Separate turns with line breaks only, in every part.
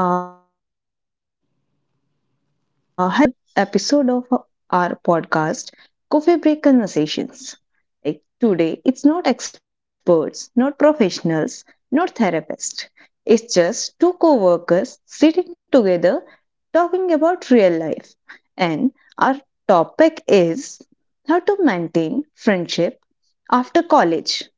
Hello, everyone. Welcome back to our another episode of our podcast, Coffee Break Conversations. Like today, it's not experts, not professionals, not therapists. It's just two co-workers sitting together talking about real life. And our topic is how to maintain friendship after college.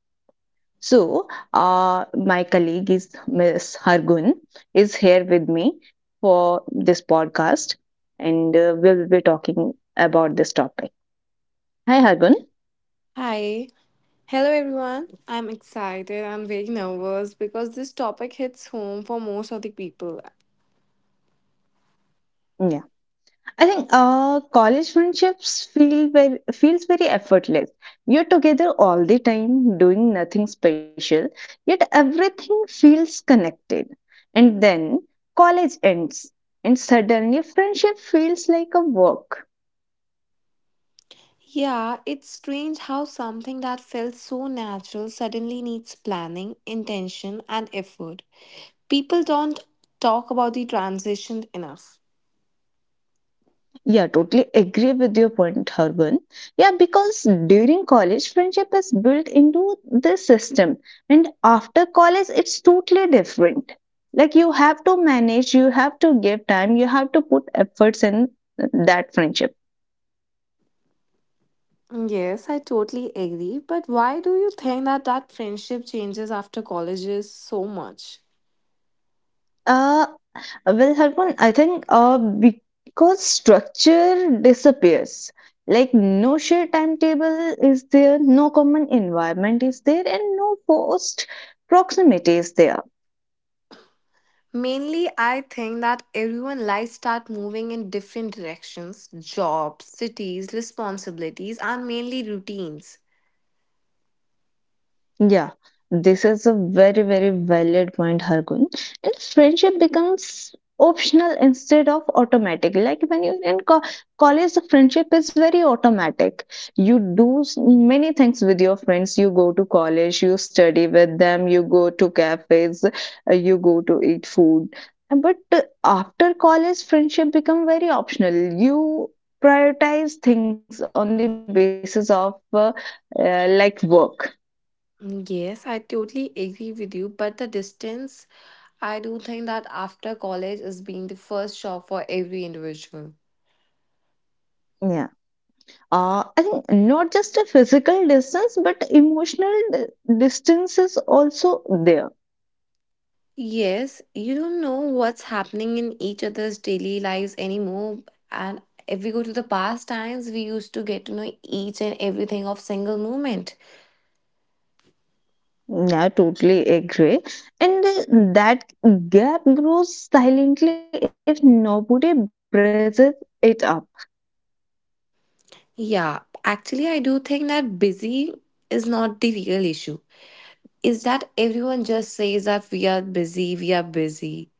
So, my colleague is Miss Hargun is here with me for this podcast, and we'll be talking about this topic. Hi, Hargun.
Hi. Hello, everyone. I'm excited and very nervous because this topic hits home for most of the people.
Yeah, I think college friendships feels very effortless. You're together all the time, doing nothing special, yet everything feels connected. And then college ends, and suddenly friendship feels like a work.
Yeah, it's strange how something that felt so natural suddenly needs planning, intention, and effort. People don't talk about the transition enough.
Yeah, totally agree with your point, Harbin. Yeah, because during college, friendship is built into the system, and after college, it's totally different. Like, you have to manage, you have to give time, you have to put efforts in that friendship.
Yes, I totally agree. But why do you think that friendship changes after colleges so much?
Uh, well, Harbin, I think because structure disappears. Like, no shared timetable is there, no common environment is there, and no forced proximity is there.
Mainly, I think that everyone life start moving in different directions jobs, cities, responsibilities, and mainly routines.
Yeah, this is a very, very valid point, Hargun. And friendship becomes optional instead of automatic. Like when you're in college, the friendship is very automatic. You do many things with your friends. You go to college, you study with them, you go to cafes, you go to eat food. And But after college, friendship become very optional. You prioritize things on the basis of like work.
Mm, yes, I totally agree with you, but the distance, I do think that after college is being the first shock for every individual.
I think not just a physical distance, but emotional distance is also there.
Yes, you don't know what's happening in each other's daily lives anymore. And if we go to the past times, we used to get to know each and everything of single moment.
Yeah, totally agree. And that gap grows silently if nobody breathes it up.
Yeah, actually, I do think that busy is not the real issue. Is that everyone just says that we are busy, we are busy.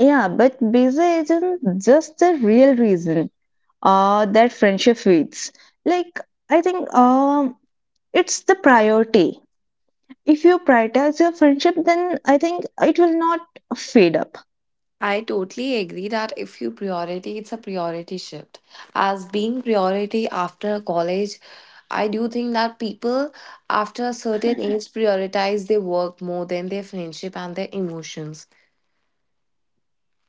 Yeah, but busy isn't just the real reason that friendship fades. Like, I think it's the priority. If you prioritize your friendship, then I think it will not fade up.
I totally agree that if you priority, it's a priority shift. As being priority after college, I do think that people after a certain age prioritize their work more than their friendship and their emotions.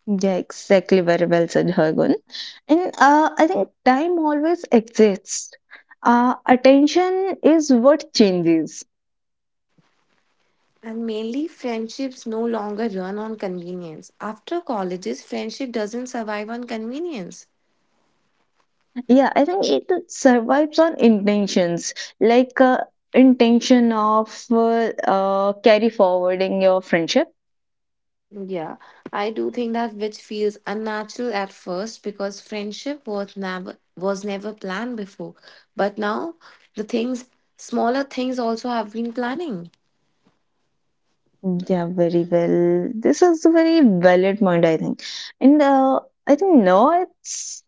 Yeah, exactly. Very well said, Hargun. And I think time always exists. Attention is what changes.
And mainly, friendships no longer run on convenience. After colleges, friendship doesn't survive on convenience.
Yeah, I think it survives on intentions, like intention of carry forwarding your friendship.
Yeah, I do think that which feels unnatural at first because friendship was never planned before. But now the things smaller things also have been planning.
Yeah, very well. This is a very valid point, I think. And I think now it's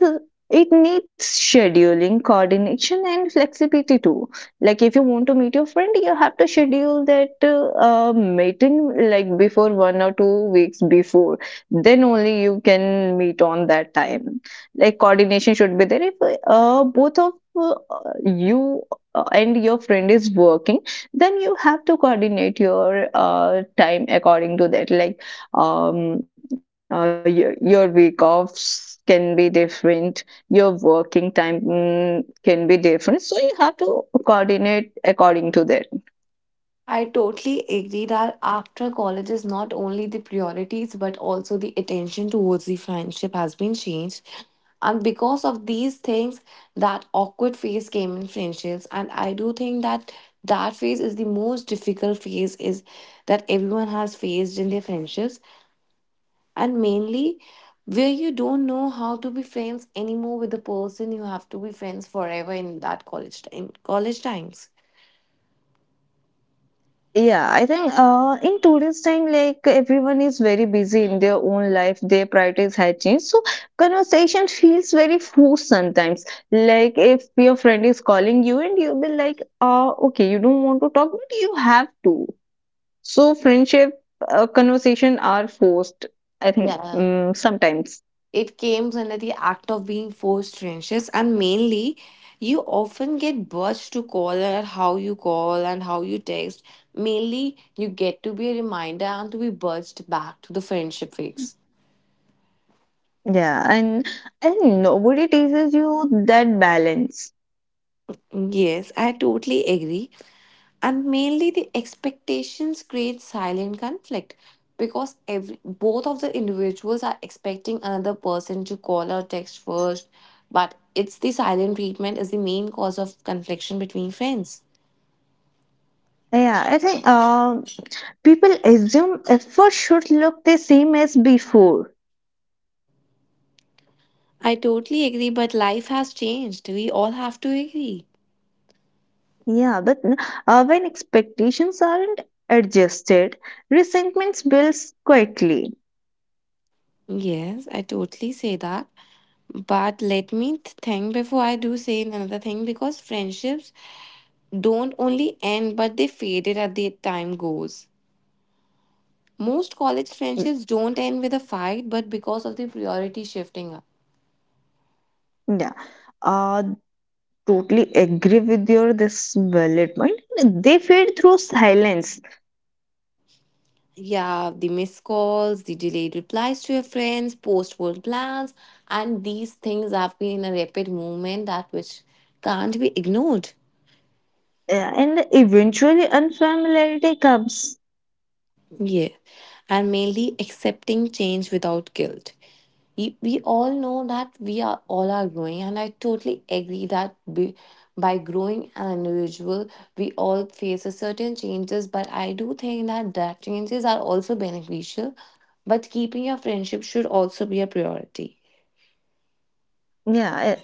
it needs scheduling, coordination, and flexibility too. Like if you want to meet your friend, you have to schedule that meeting like before 1 or 2 weeks before. Then only you can meet on that time. Like coordination should be there. If both of uh, you and your friend is working, then you have to coordinate your time according to that, like your week offs can be different, your working time can be different, so you have to coordinate according to that.
I totally agree that after college is not only the priorities but also the attention towards the friendship has been changed. And because of these things, that awkward phase came in friendships. And I do think that that phase is the most difficult phase is that everyone has faced in their friendships. And mainly where you don't know how to be friends anymore with the person you have to be friends forever in that college times.
Yeah, I think in today's time, like everyone is very busy in their own life, their priorities have changed. So conversation feels very forced sometimes. Like if your friend is calling you and you will like, okay, you don't want to talk, but you have to. So friendship conversation are forced, I think,
Yeah.
sometimes.
It comes under the act of being forced trenches, and mainly, you often get budged to call her how you call and how you text. Mainly, you get to be a reminder and to be budged back to the friendship phase.
Yeah, and I think nobody teaches you that balance.
Yes, I totally agree. And mainly the expectations create silent conflict because every both of the individuals are expecting another person to call or text first, but it's the silent treatment is the main cause of confliction between friends.
Yeah, I think people assume effort should look the same as before.
I totally agree, but life has changed. We all have to agree.
Yeah, but when expectations aren't adjusted, resentments builds quietly.
Yes, I totally say that. But let me think before I do say another thing because friendships don't only end but they faded as the time goes. Most college
Mm,
friendships don't end with a fight but because of the priority shifting up.
Yeah, uh, totally agree with your this valid point. They fade through silence,
Yeah, the missed calls, the delayed replies to your friends, postponed plans, and these things have been in a rapid movement that which can't be ignored.
and eventually unfamiliarity comes.
Yeah, and mainly accepting change without guilt. We all know that we are all are growing, and I totally agree that by growing an individual, we all face a certain changes. But I do think that that changes are also beneficial, but keeping your friendship should also be a priority.
Yeah, I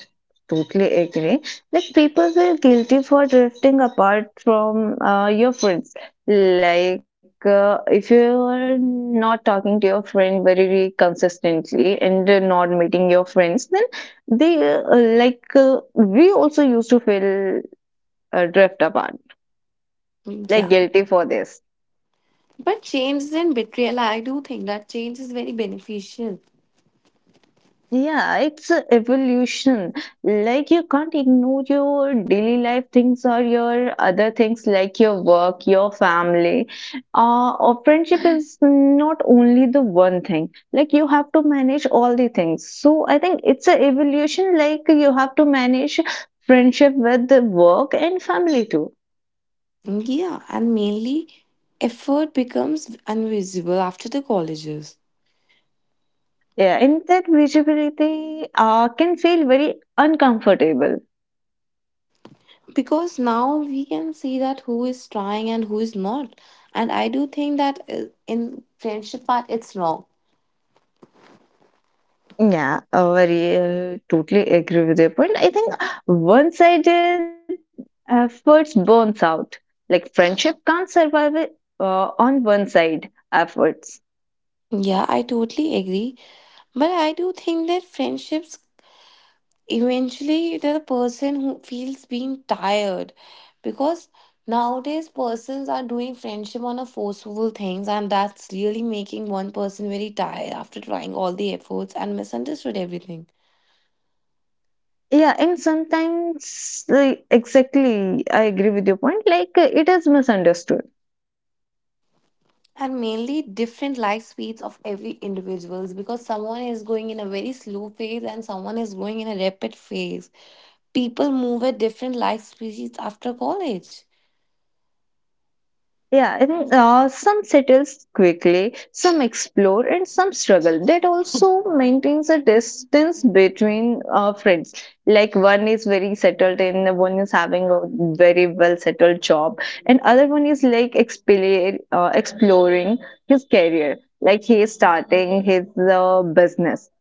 totally agree. Like people feel guilty for drifting apart from your friends. Like if you're not talking to your friend very consistently and not meeting your friends, then they like we also used to feel drift apart,
Yeah,
like guilty for this.
but change and betrayal, I do think that change is very beneficial.
Yeah, it's a evolution. Like you can't ignore your daily life things or your other things like your work, your family. Or friendship is not only the one thing. Like you have to manage all the things. So I think it's a evolution. Like you have to manage friendship with the work and family too.
Yeah, and mainly effort becomes invisible after the colleges
Yeah, and that visibility can feel very uncomfortable.
because now we can see that who is trying and who is not. And I do think that in friendship part, it's wrong.
Yeah, very totally agree with your point. I think one-sided efforts burns out. Like friendship can't survive it, on one-side efforts.
Yeah, I totally agree. But I do think that friendships eventually they're the person who feels being tired because nowadays persons are doing friendship on a forceful things and that's really making one person very tired after trying all the efforts and misunderstood everything
Yeah, and sometimes like, exactly, I agree with your point. Like it is misunderstood.
and mainly different life speeds of every individuals because someone is going in a very slow phase and someone is going in a rapid phase people move at different life speeds after college.
Yeah, and some settles quickly, some explore, and some struggle. That also maintains a distance between friends. Like one is very settled, and one is having a very well settled job, and other one is like exploring his career. Like he is starting his business,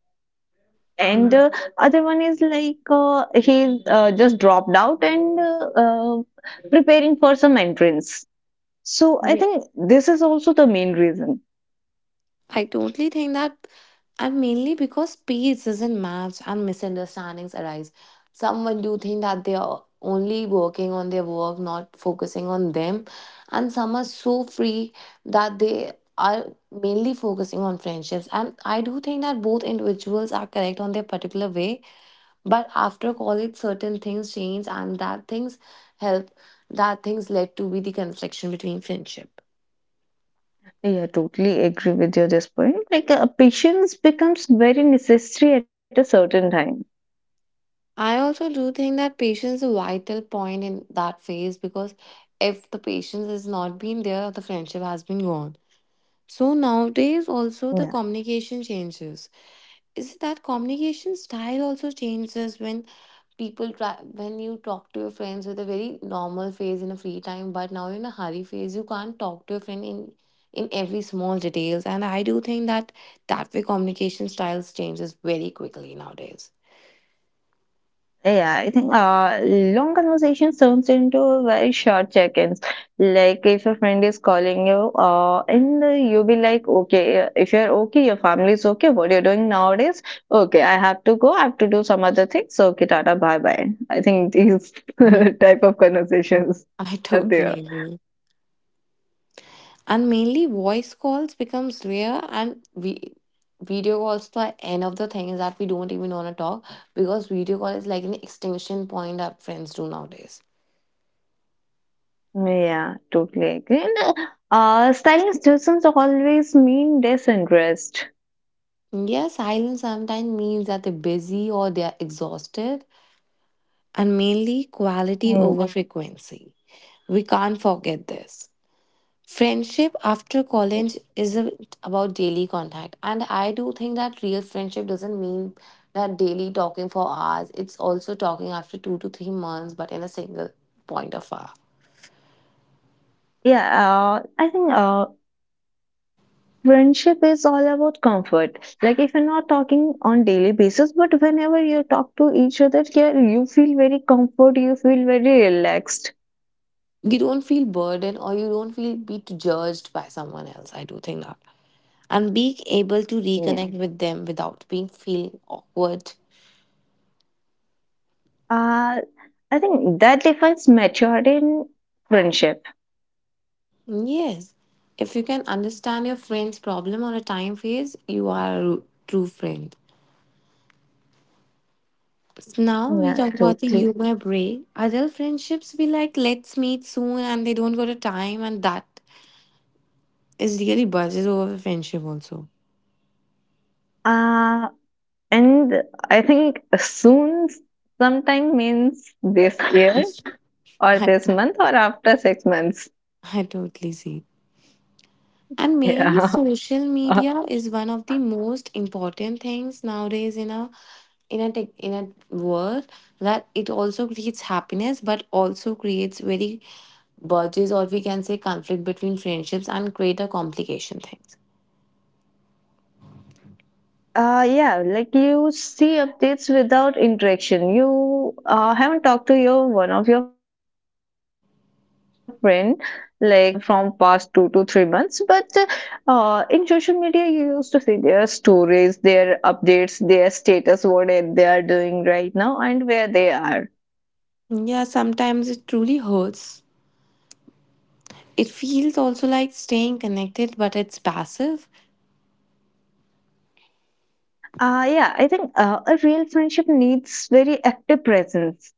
and
Mhm.
uh, other one is like he's just dropped out and preparing for some entrance, so I think this is also the main reason.
I totally think that, and mainly because speeds doesn't match and misunderstandings arise. Someone do think that they are only working on their work, not focusing on them, and some are so free that they are mainly focusing on friendships. And I do think that both individuals are correct on their particular way, but after college, certain things change, and that things help. That things led to be the confliction between friendship.
Yeah, totally agree with you this point. Like patience becomes very necessary at a certain time.
I also do think that patience is a vital point in that phase because if the patience has not been there, the friendship has been gone. So nowadays,
Yeah,
also the communication changes. Is that communication style also changes when people try when you talk to your friends with a very normal phase in a free time, but now in a hurry phase, you can't talk to your friend in every small details. And I do think that that way communication styles changes very quickly nowadays.
yeah. I think long conversations turns into very short check-ins. Like if a friend is calling you, and you'll be like, okay, if you're okay, your family's okay. What you're doing nowadays? Okay, I have to go. I have to do some other things. So okay, tata, bye bye. I think these
Mhm.
type of conversations
I
are
totally
there.
agree. And mainly voice calls becomes rare and we video calls the end of the thing is that we don't even want to talk because video call is like an extension point that friends do nowadays.
Yeah, totally agree. And stylish doesn't always mean disinterest.
Yeah, silence sometimes means that they're busy or they're exhausted and mainly quality
Mm,
over frequency. We can't forget this. Friendship after college isn't about daily contact. And I do think that real friendship doesn't mean that daily talking for hours. It's also talking after 2 to 3 months, but in a single point of hour.
Yeah, I think friendship is all about comfort. Like if you're not talking on daily basis, but whenever you talk to each other, yeah, you feel very comfort. You feel very relaxed.
You don't feel burdened or you don't feel be judged by someone else. I do think that. And being able to
Yeah.
reconnect with them without being feeling awkward.
Uh, I think that defines maturity in friendship.
Yes. If you can understand your friend's problem on a time phase, you are a true friend. Now we
Yeah,
talk about the
totally.
you my bray. Adult friendships be like let's meet soon and they don't got a time and that is really budges over friendship also.
Uh, And I think soon sometime means this year or
I,
this month or after 6 months.
I totally see. And mainly
Yeah.
social media is one of the most important things nowadays in a tech, in a world that it also creates happiness but also creates very budges or we can say conflict between friendships and create a complication things.
Yeah, like you see updates without interaction. You haven't talked to your one of your friend like from past 2 to 3 months, but in social media you used to see their stories, their updates, their status, what they are doing right now and where they are.
Yeah, sometimes it truly hurts. It feels also like staying connected, but it's passive.
Yeah, I think a real friendship needs very active presence,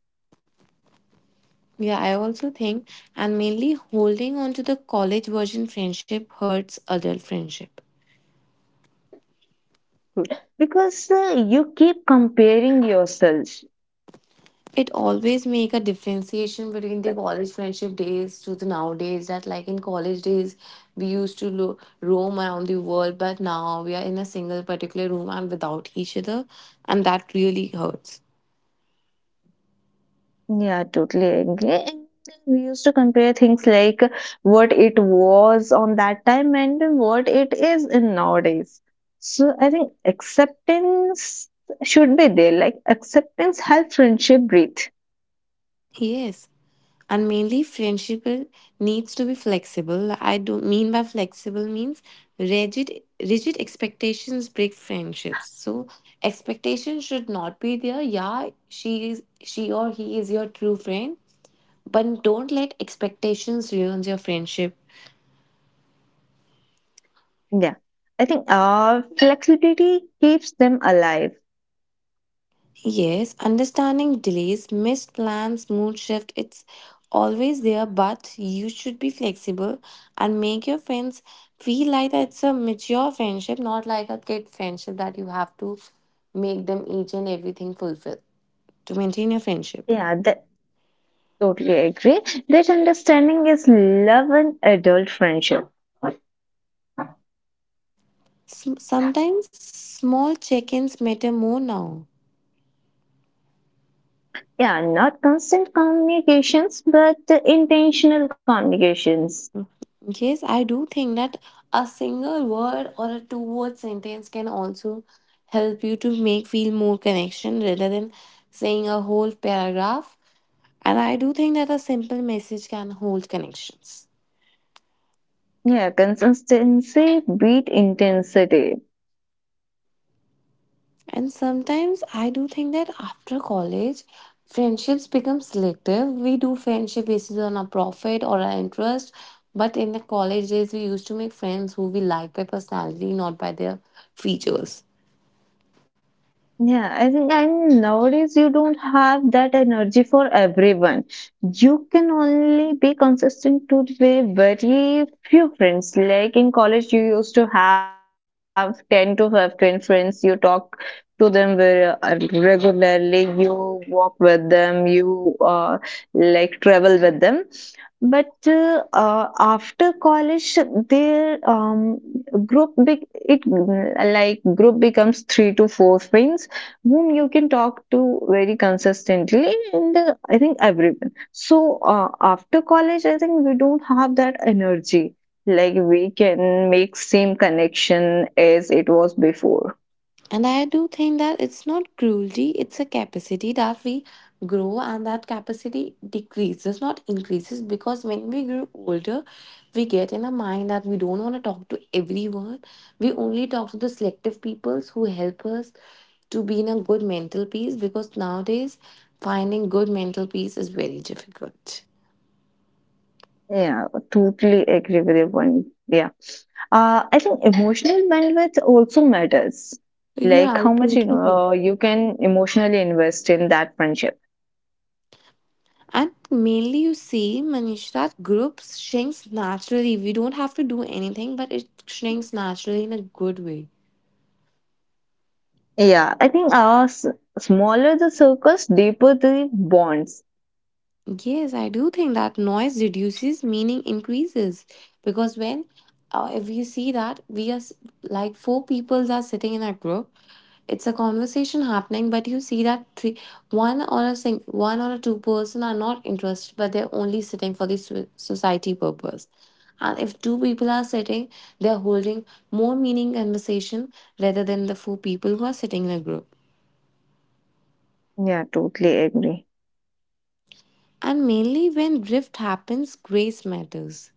Yeah, I also think, and mainly holding on to the college version friendship hurts adult friendship.
because you keep comparing yourself.
It always make a differentiation between the college friendship days to the nowadays. That like in college days, we used to roam around the world, but now we are in a single particular room and without each other, and that really hurts.
Yeah, totally agree. And we used to compare things like what it was on that time and what it is in nowadays. So I think acceptance should be there. Like acceptance helps friendship breathe.
Yes, and mainly needs to be flexible. I do mean by flexible means rigid rigid expectations break friendships. So expectation should not be there. Yeah, she is she or he is your true friend, but don't let expectations ruin your friendship.
Yeah. I think flexibility keeps them alive.
Yes, understanding delays, missed plans, mood shift, it's always there, but you should be flexible and make your friends feel like that it's a mature friendship, not like a kid friendship that you have to make them each and everything fulfill to maintain your friendship.
Yeah, the totally agree. That understanding is love and adult friendship.
Sometimes small check ins matter more now.
Yeah, not constant communications, but intentional communications.
Yes, I do think that a single word or a two word sentence can also help you to make feel more connection rather than saying a whole paragraph. And I do think that a simple message can hold connections.
Yeah, consistency beat intensity.
And sometimes I do think that after college, friendships become selective. We do friendship basis on our profit or our interest. But in the college days, we used to make friends who we like by personality, not by their features.
Yeah, I think and nowadays you don't have that energy for everyone. You can only be consistent to very very few friends. Like in college, you used to have 10 to 15 friends. You talk to them very regularly. You walk with them. You like travel with them. But after college, their group be- it mm, like group becomes three to four friends whom you can talk to very consistently, and I think everyone. So after college, I think we don't have that energy. Like we can make same connection as it was before.
And I do think that it's not cruelty, it's a capacity that we grow and that capacity decreases, not increases. Because when we grow older, we get in a mind that we don't want to talk to everyone. We only talk to the selective peoples who help us to be in a good mental peace because nowadays finding good mental peace is very difficult.
Yeah, totally agree with your point, Yeah. I think emotional bandwidth also matters.
Yeah,
Like
I
how much
totally agree.
you can emotionally invest in that friendship.
And mainly, you see, Manish, that groups shrinks naturally. We don't have to do anything, but it shrinks naturally in a good way.
Yeah, I think smaller the circles, deeper the bonds.
Yes, I do think that noise reduces, meaning increases. Because when, if you see that we like 4 people are sitting in a group, it's a conversation happening, but you see that three, one or a two-person are not interested, but they're only sitting for the society purpose. And if two people are sitting, they're holding more meaning conversation rather than the 4 people who are sitting in a group.
Yeah, totally agree.
And mainly when drift happens, grace matters.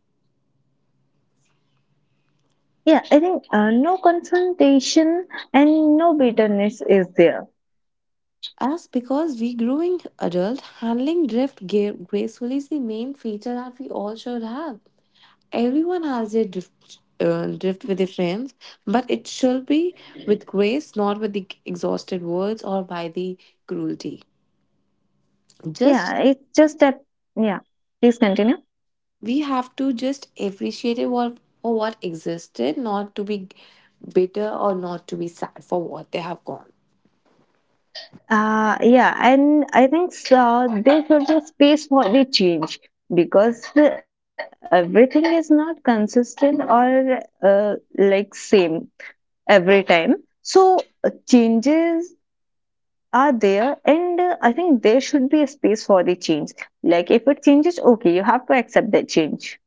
Yeah, I think no confrontation and no bitterness is there.
As because we growing adult, handling gracefully is the main feature that we all should have. Everyone has their drift, drift with their friends, but it should be with grace, not with the exhausted words or by the cruelty. Just
Yeah, it's just that. Yeah, please continue.
we have to just appreciate it for what existed, not to be bitter or not to be sad for what they have gone.
Yeah, and I think so, there should be space for the change because everything is not consistent or like same every time. So changes are there, and I think there should be a space for the change. Like if it changes, okay, you have to accept that change.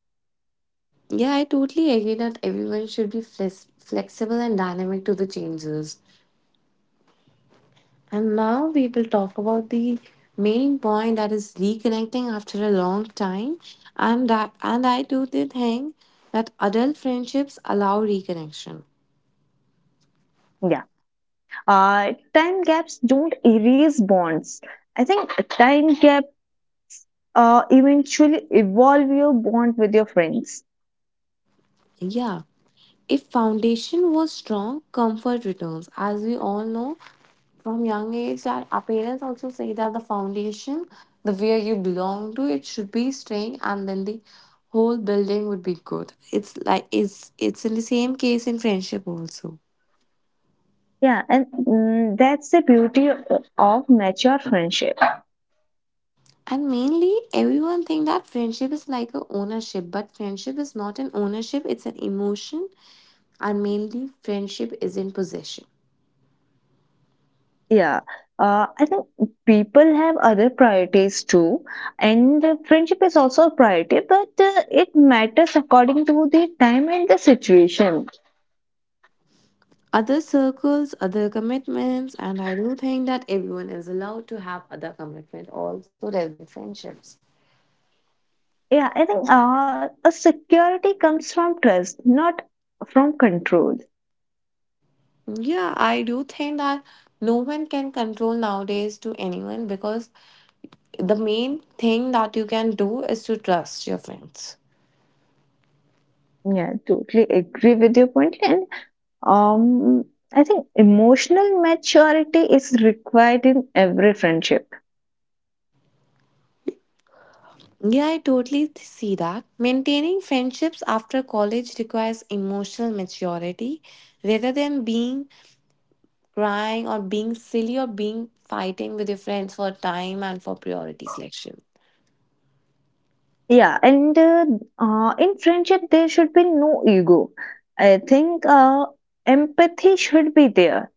Yeah, I totally agree that everyone should be flexible and dynamic to the changes. And now we will talk about the main point, that is reconnecting after a long time. And I do the thing that adult friendships allow reconnection.
Yeah. Time gaps don't erase bonds. I think a time gap eventually evolve your bond with your friends.
Yeah. If foundation was strong, comfort returns. As we all know, from young age, that our parents also say that the foundation, the where you belong to, it should be staying and then the whole building would be good. It's like it's in the same case in friendship also.
Yeah, and that's the beauty of mature friendship.
And mainly, everyone think that friendship is like a ownership, but friendship is not an ownership; it's an emotion. And mainly, friendship is in possession.
Yeah, I think people have other priorities too, and friendship is also a priority, but it matters according to the time and the situation.
Other circles, other commitments, and I do think that everyone is allowed to have other commitment also rather than friendships.
Yeah, I think a security comes from trust, not from control.
Yeah, I do think that no one can control nowadays to anyone, because the main thing that you can do is to trust your friends.
Yeah, totally agree with your point. And um, I think emotional maturity is required in every friendship.
Yeah, I totally see that. Maintaining friendships after college requires emotional maturity rather than being crying or being silly or being fighting with your friends for time and for priority selection.
Yeah, and in friendship, there should be no ego. I think empathy should be there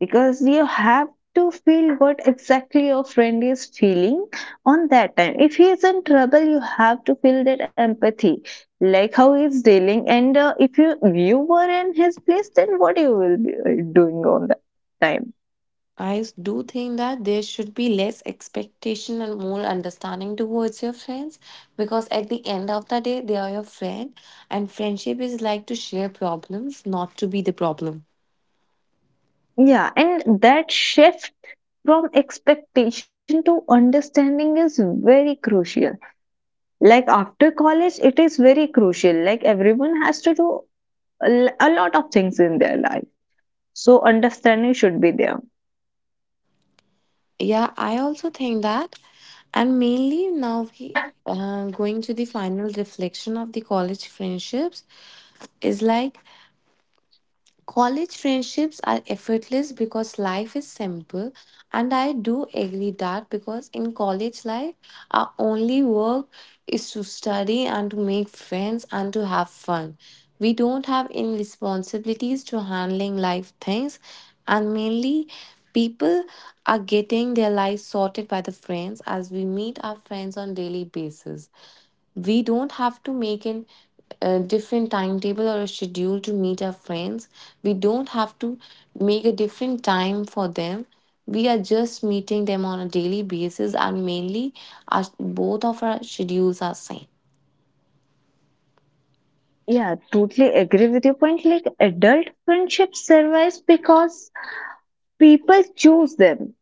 because you have to feel what exactly your friend is feeling on that time. If he is in trouble, you have to feel that empathy, like how he is dealing. And if you were in his place, then what you will be doing on that time?
Do think that there should be less expectation and more understanding towards your friends, because at the end of the day, they are your friend, and friendship is like to share problems, not to be the problem.
Yeah, and that shift from expectation to understanding is very crucial. Like after college, it is very crucial. Like everyone has to do a lot of things in their life. So understanding should be there.
Yeah, I also think that. And mainly now we going to the final reflection of the college friendships, is like college friendships are effortless because life is simple, and I do agree that, because in college life, our only work is to study and to make friends and to have fun. We don't have any responsibilities to handling life things, and mainly, people are getting their lives sorted by the friends, as we meet our friends on daily basis. We don't have to make an a different timetable or a schedule to meet our friends. We don't have to make a different time for them. We are just meeting them on a daily basis, and mainly our, both of our schedules are same.
Yeah, totally agree with your point. Like adult friendships survives because people choose them.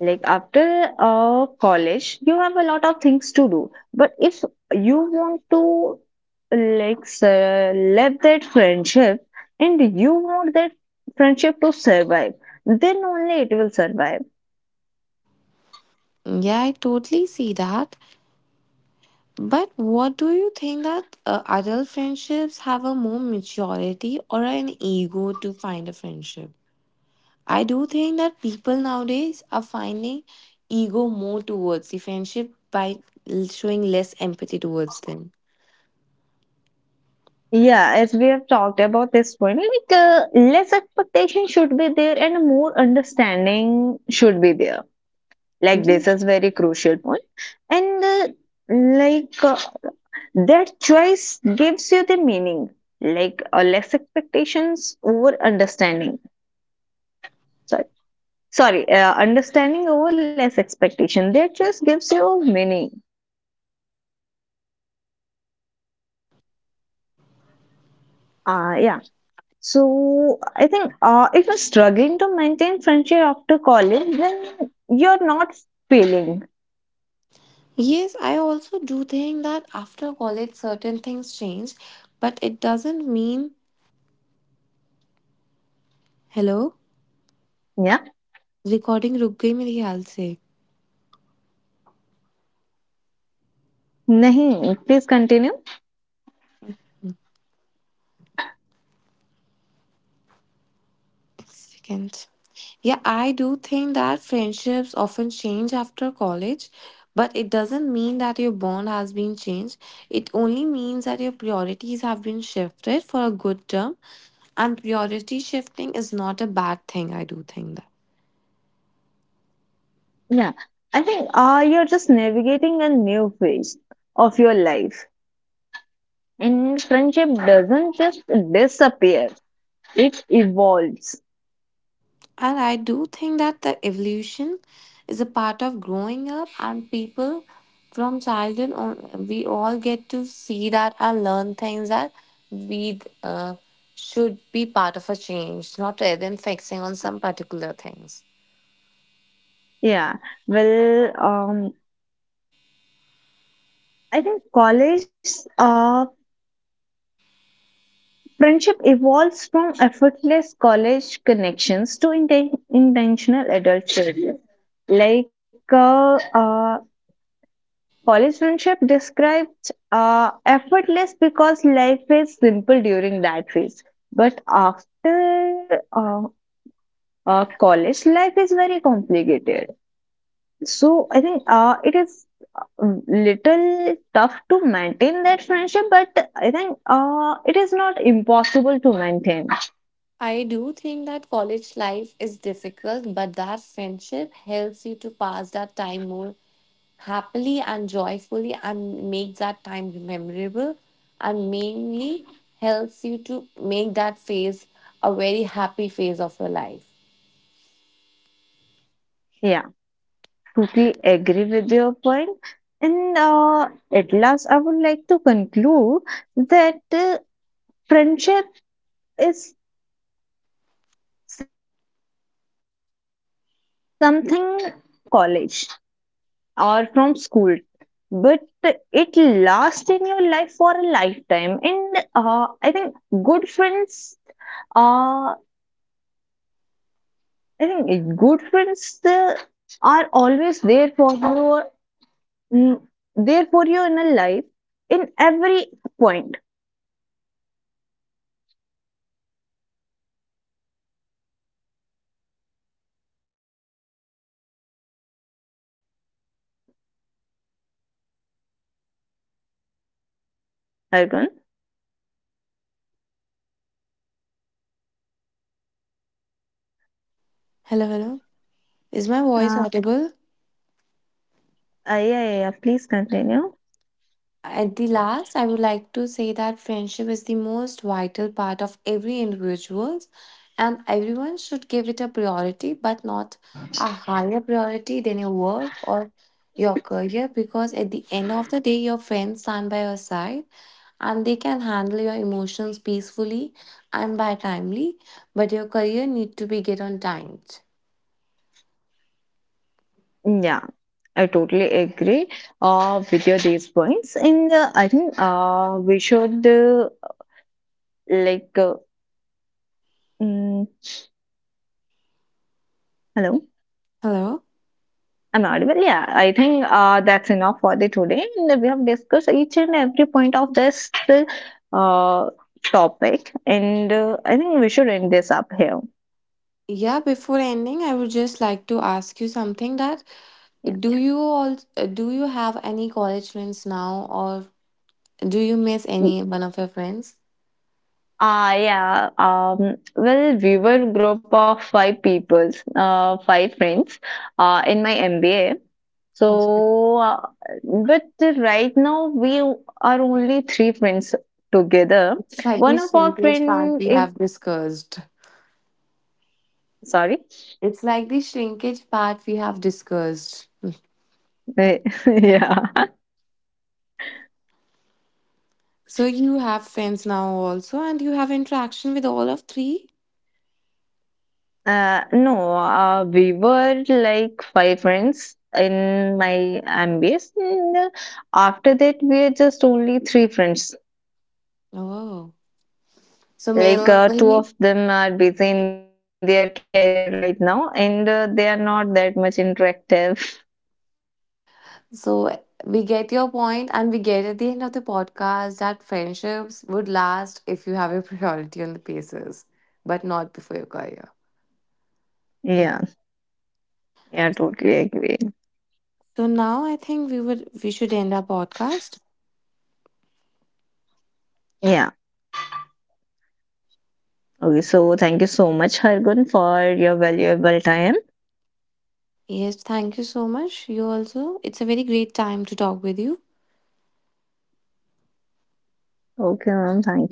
Like after college, you have a lot of things to do. But if you want to like love that friendship and you want that friendship to survive, then only it will survive.
Yeah, I totally see that, but what do you think, that adult friendships have a more maturity or an ego to find a friendship? I do think that people nowadays are finding ego more towards the friendship by showing less empathy towards them.
Yeah, as we have talked about this point, like less expectation should be there and more understanding should be there. Like this is very crucial point, and like that choice gives you the meaning. Like less expectations over understanding. Sorry, sorry, understanding over less expectation. That choice gives you meaning. Yeah. So I think, if you're struggling to maintain friendship after college, then you're not failing.
Yes, I also do think that after college, certain things change, but it doesn't mean. Hello?
Yeah.
Recording रुक गई मेरी ख्याल से एक
Nahin, please continue.
second. Yeah, I do think that friendships often change after college, but it doesn't mean that your bond has been changed. It only means that your priorities have been shifted for a good term, and priority shifting is not a bad thing, I do think that.
Yeah. I think you're just navigating a new phase of your life. And friendship doesn't just disappear, it evolves.
And I do think that the evolution is a part of growing up, and people from childhood, on, we all get to see that and learn things that we should be part of a change, not rather than fixing on some particular things.
Yeah. Well, I think college uh, friendship evolves from effortless college connections to intentional adult career. Like college friendship described effortless because life is simple during that phase. But after college, life is very complicated. So I think it is little tough to maintain that friendship, but I think it is not impossible to maintain.
I do think that college life is difficult, but that friendship helps you to pass that time more happily and joyfully and make that time memorable, and mainly helps you to make that phase a very happy phase of your life.
Yeah. Totally agree with your point. And at last, I would like to conclude that friendship is something that comes to your life from college or from school, but it lasts in your life for a lifetime. And good friends, I think good friends are always there for you, mm, there for you in a life in every point. Hello, Arpan.
Hello, hello. Is my voice
Uh,
audible?
uh, yeah, yeah, yeah, please continue.
At the last, I would like to say that friendship is the most vital part of every individual's, and everyone should give it a priority, but not a higher priority than your work or your career, because at the end of the day, your friends stand by your side and they can handle your emotions peacefully and by timely, but your career need to be get on timed.
Yeah, I totally agree with your these points. And I think we should like uh, mm, Hello.
Hello.
I'm audible. Yeah, I think that's enough for the today. And we have discussed each and every point of this uh, topic. And I think we should end this up here.
Yeah, before ending, I would just like to ask you something, that
Yeah.
do you all do you have any college friends now, or do you miss any one of your friends?
Yeah. Well, we were a group of five people, five friends, in my MBA.
Okay.
So, but right now we are only three friends together.
It's like the
One of our
shrinkage part
friend
we
is
have discussed.
sorry.
It's like the shrinkage part we have discussed.
Yeah.
So you have friends now also, and you have interaction with all of three.
No, we were like five friends in my MBA. And after that, we are just only three friends.
Oh, so
Like
mainly,
two of them are busy in their career right now, and they are not that much interactive.
so we get your point, and we get at the end of the podcast that friendships would last if you have a priority on the pieces, but not before your career.
Yeah, yeah, totally agree.
So now I think we should end our podcast.
Yeah. Okay, so thank you so much, Hargun, for your valuable time.
Yes, thank you so much. You also. It's a very great time to talk with you.
Okay, ma'am, thank you.